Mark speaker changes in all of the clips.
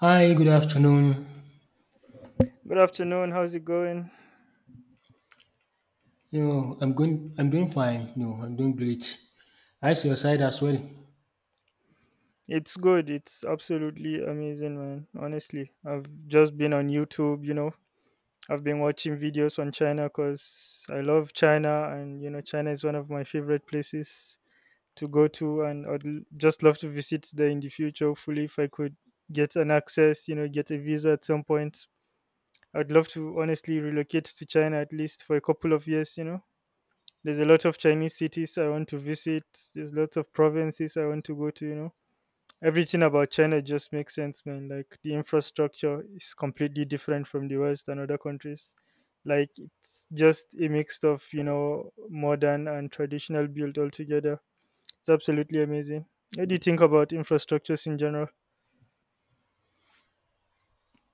Speaker 1: Hi, good afternoon.
Speaker 2: Good afternoon. How's it going?
Speaker 1: I'm doing fine, I'm doing great. How's your side as well?
Speaker 2: It's good. It's absolutely amazing, man. Honestly, I've just been on YouTube, you know. I've been watching videos on China cuz I love China and you know China is one of my favorite places to go to and just love to visit there in the future. Hopefully if I could get an access, you know, get a visa at some point. I'd love to honestly relocate to China at least for a couple of years, you know. There's a lot of Chinese cities I want to visit. There's lots of provinces I want to go to, you know. Everything about China just makes sense, man. Like the infrastructure is completely different from the West and other countries. Like it's just a mix of, you know, modern and traditional build altogether. It's absolutely amazing. What do you think about infrastructures in general?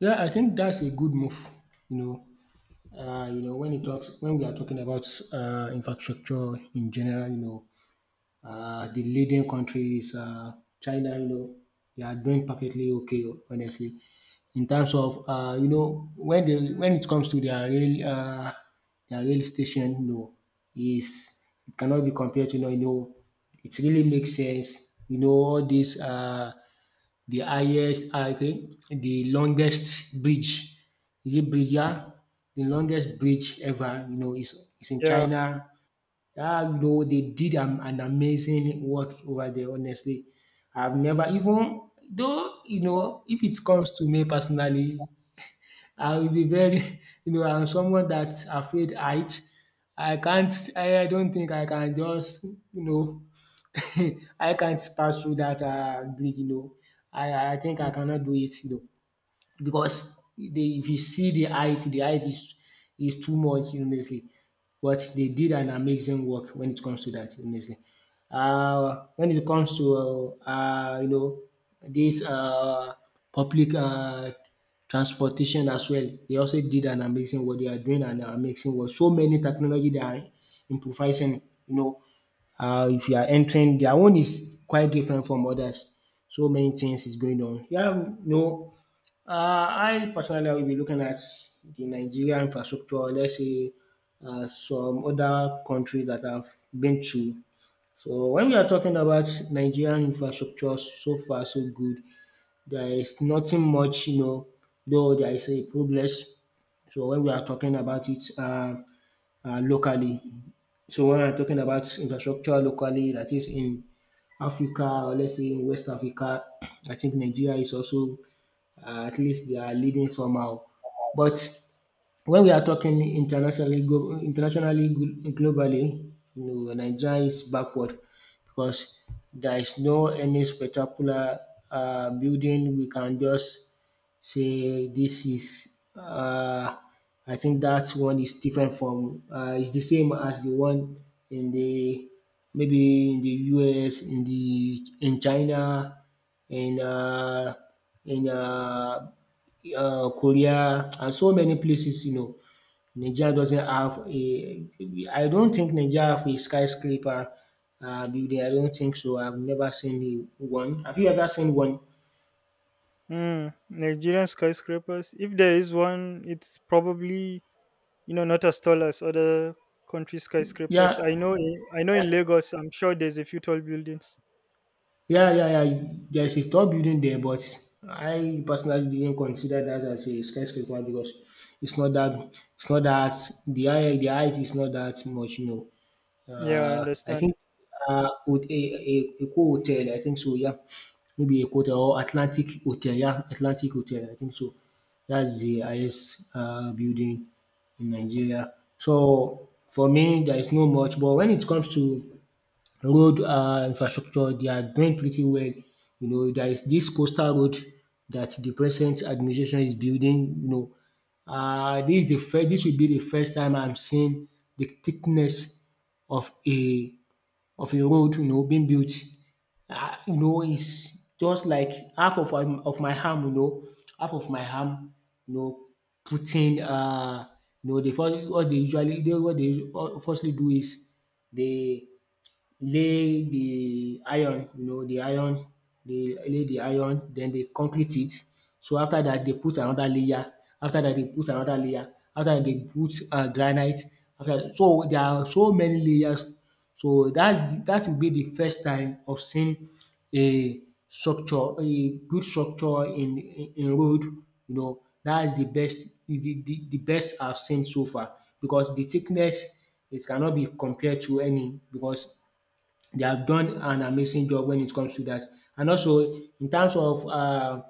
Speaker 1: Yeah, I think that's a good move, you know. You know, when it talks when we are talking about infrastructure in general, you know, the leading country is China, you know, they are doing perfectly okay, honestly. In terms of, when it comes to their rail station, you know, is it cannot be compared to, it really makes sense. You know, all this, the longest bridge, is it bridge? Yeah, the longest bridge ever, you know, is in
Speaker 2: Yeah.
Speaker 1: China. You know, they did an amazing work over there, honestly. I've never even, though, you know, if it comes to me personally, I will be very, you know, I'm someone that's afraid height. I don't think I can just, you know, I can't pass through that bridge, you know. I think I cannot do it, you know, because they if you see the height, the height is too much, honestly. But they did an amazing work when it comes to that, honestly. When it comes to you know, this public transportation as well, they also did an amazing work. They are doing an amazing work. So many technology they are improvising. You know, if you are entering, their own is quite different from others. So many things is going on. Yeah, no. I personally will be looking at the Nigeria infrastructure, let's say some other countries that I've been to. So when we are talking about Nigerian infrastructure, so far so good, there is nothing much, you know, though there is a progress. So when we are talking about it, locally, so when I'm talking about infrastructure locally, that is in Africa, or let's say in West Africa, I think Nigeria is also, at least they are leading somehow. But when we are talking internationally, globally, you know, Nigeria is backward because there is no any spectacular building we can just say this is. I think that one is different from. It's the same as the one in the maybe in the US, in the in China, in um in Korea and so many places, you know. Nigeria doesn't have a I don't think Nigeria have a skyscraper building. I don't think so. I've never seen a one. Have you ever seen one?
Speaker 2: Mm, Nigerian skyscrapers. If there is one, it's probably, you know, not as tall as other country
Speaker 1: Yeah,
Speaker 2: skyscrapers. I know in Lagos, I'm sure there's a few tall buildings.
Speaker 1: yeah, yeah, yeah. There is a tall building there, but I personally didn't consider that as a skyscraper because it's not that the height is not that much, you know.
Speaker 2: Yeah, I
Speaker 1: I
Speaker 2: understand.
Speaker 1: think with a co hotel, I think so, yeah. Maybe a hotel or Atlantic Hotel, yeah. Atlantic Hotel, I think so. That's the highest building in Nigeria. So for me, there is no much. But when it comes to road infrastructure, they are doing pretty well. You know, there is this coastal road that the present administration is building, you know. This will be the first time I'm seeing the thickness of a of a road, you know, being built. You know, is just like half of my arm, you know, half of my arm, you know, putting you know, the first what they firstly do is they lay the iron, you know, the iron, they lay the iron, then they concrete it. So after that, they put another layer. After that, they put another layer. After that, they put granite. After that, so there are so many layers. So that's that will be the first time of seeing a structure, a good structure in in road. You know, that is the best the best I've seen so far because the thickness, it cannot be compared to any because they have done an amazing job when it comes to that. And also in terms of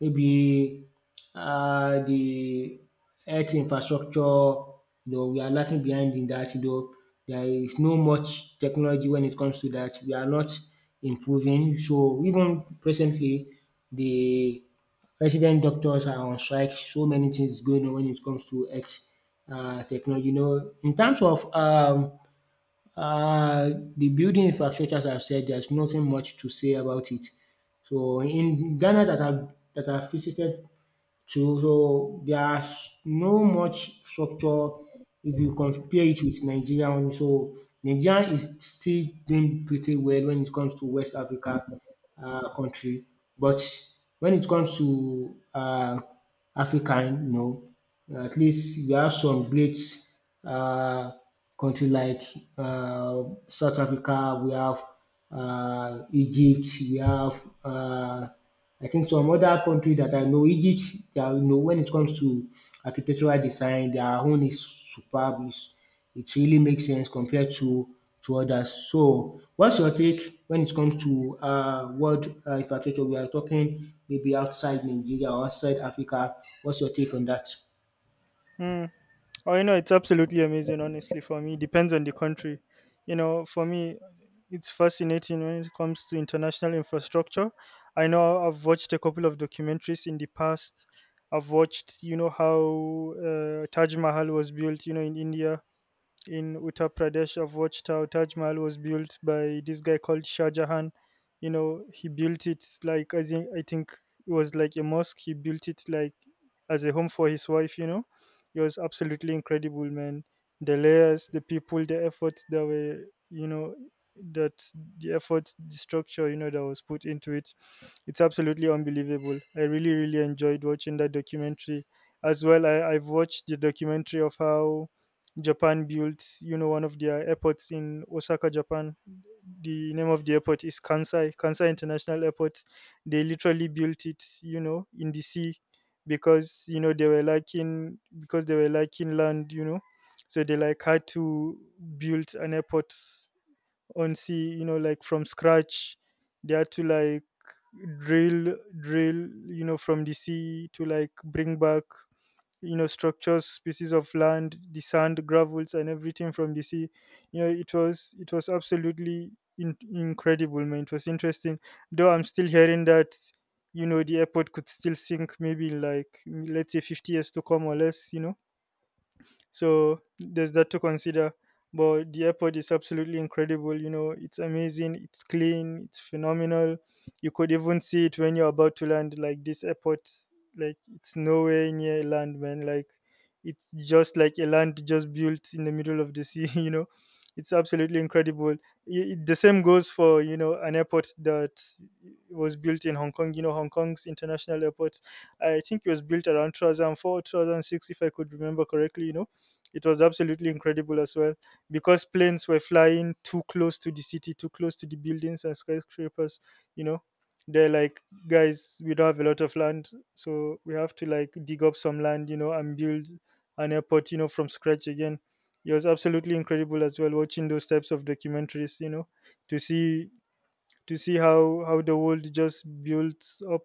Speaker 1: maybe the health infrastructure, you know, we are lacking behind in that. You know, there is no much technology when it comes to that. We are not improving. So even presently, the resident doctors are on strike. So many things is going on when it comes to health technology. You know, in terms of uh, the building infrastructure, as I've said, there's nothing much to say about it. So in Ghana, that I've visited to, so there's no much structure if you compare it with Nigeria only. So Nigeria is still doing pretty well when it comes to West Africa country, but when it comes to African, you know, at least we have some great uh, country like uh, South Africa, we have Egypt, we have uh, I think some other country that I know. Egypt, dia, you know, when it comes to architectural design, their own is superb, it really makes sense compared to others. So what's your take when it comes to world infrastructure? We are talking maybe outside Nigeria or outside Africa. What's your take on that?
Speaker 2: Mm. Oh, you know, it's absolutely amazing, honestly, for me. Depends on the country. You know, for me, it's fascinating when it comes to international infrastructure. I know I've watched a couple of documentaries in the past. I've watched, you know, how Taj Mahal was built, you know, in India, in Uttar Pradesh. I've watched how Taj Mahal was built by this guy called Shah Jahan. You know, he built it like, I think it was like a mosque. He built it like as a home for his wife. You know, it was absolutely incredible, man. The layers, the people, the efforts that were, you know, that, the effort, the structure, you know, that was put into it. It's absolutely unbelievable. I really, really enjoyed watching that documentary. As well, I've watched the documentary of how Japan built, you know, one of their airports in Osaka, Japan. The name of the airport is Kansai, Kansai International Airport. They literally built it, you know, in the sea because they were lacking land, you know. So they like had to build an airport on sea, you know, like from scratch. They had to like drill drill, you know, from the sea to like bring back, you know, structures, species of land, the sand, gravels and everything from the sea. You know, it was absolutely incredible, man. It was interesting, though I'm still hearing that, you know, the airport could still sink maybe in like, let's say 50 years to come or less, you know. So there's that to consider. But the airport is absolutely incredible. You know, it's amazing, it's clean, it's phenomenal. You could even see it when you're about to land. Like this airport, like it's nowhere near land, man. Like it's just like a land just built in the middle of the sea. You know, it's absolutely incredible. The same goes for, you know, an airport that was built in Hong Kong. You know, Hong Kong's international airport. I think it was built around 2004, 2006, if I could remember correctly. You know, it was absolutely incredible as well because planes were flying too close to the city, too close to the buildings and skyscrapers. You know, they're like, guys, we don't have a lot of land, so we have to like dig up some land, you know, and build an airport, you know, from scratch again. It was absolutely incredible as well watching those types of documentaries, you know, to see how the world just builds up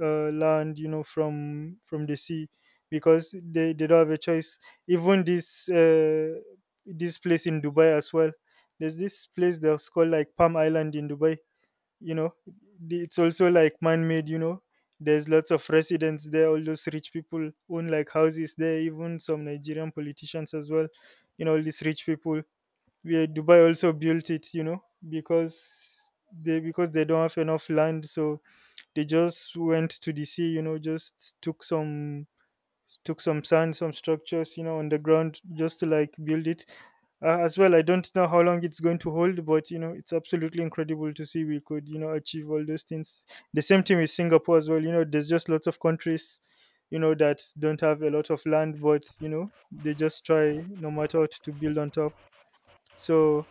Speaker 2: land, you know, from the sea because they don't have a choice. Even this, this place in Dubai as well, there's this place that's called like Palm Island in Dubai, you know. It's also like man-made, you know. There's lots of residents there, all those rich people own like houses there, even some Nigerian politicians as well, you know, all these rich people, where Dubai also built it, you know, because they don't have enough land, so they just went to the sea, you know, just took some, took some sand, some structures, you know, on the ground just to like build it. As well, I don't know how long it's going to hold, but you know, it's absolutely incredible to see we could, you know, achieve all those things. The same thing with Singapore as well. You know, there's just lots of countries, you know, that don't have a lot of land, but you know, they just try no matter what to build on top. So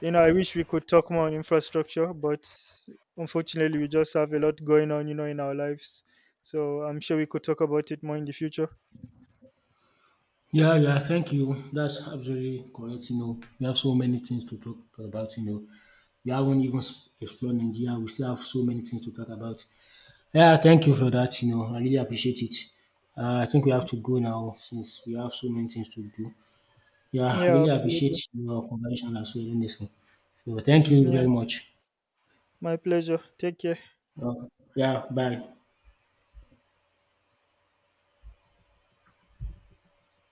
Speaker 2: you know, I wish we could talk more on infrastructure, but unfortunately, we just have a lot going on, you know, in our lives. So I'm sure we could talk about it more in the future.
Speaker 1: Yeah, yeah, thank you. That's absolutely correct. You know, we have so many things to talk about. You know, we haven't even explored Nigeria. We still have so many things to talk about. Yeah, thank you for that. You know, I really appreciate it. I think we have to go now since we have so many things to do. Yeah, I
Speaker 2: Yeah,
Speaker 1: really
Speaker 2: absolutely.
Speaker 1: appreciate your conversation as well in this. So thank you very
Speaker 2: Yeah,
Speaker 1: much.
Speaker 2: my pleasure. Take care.
Speaker 1: Uh, yeah, bye.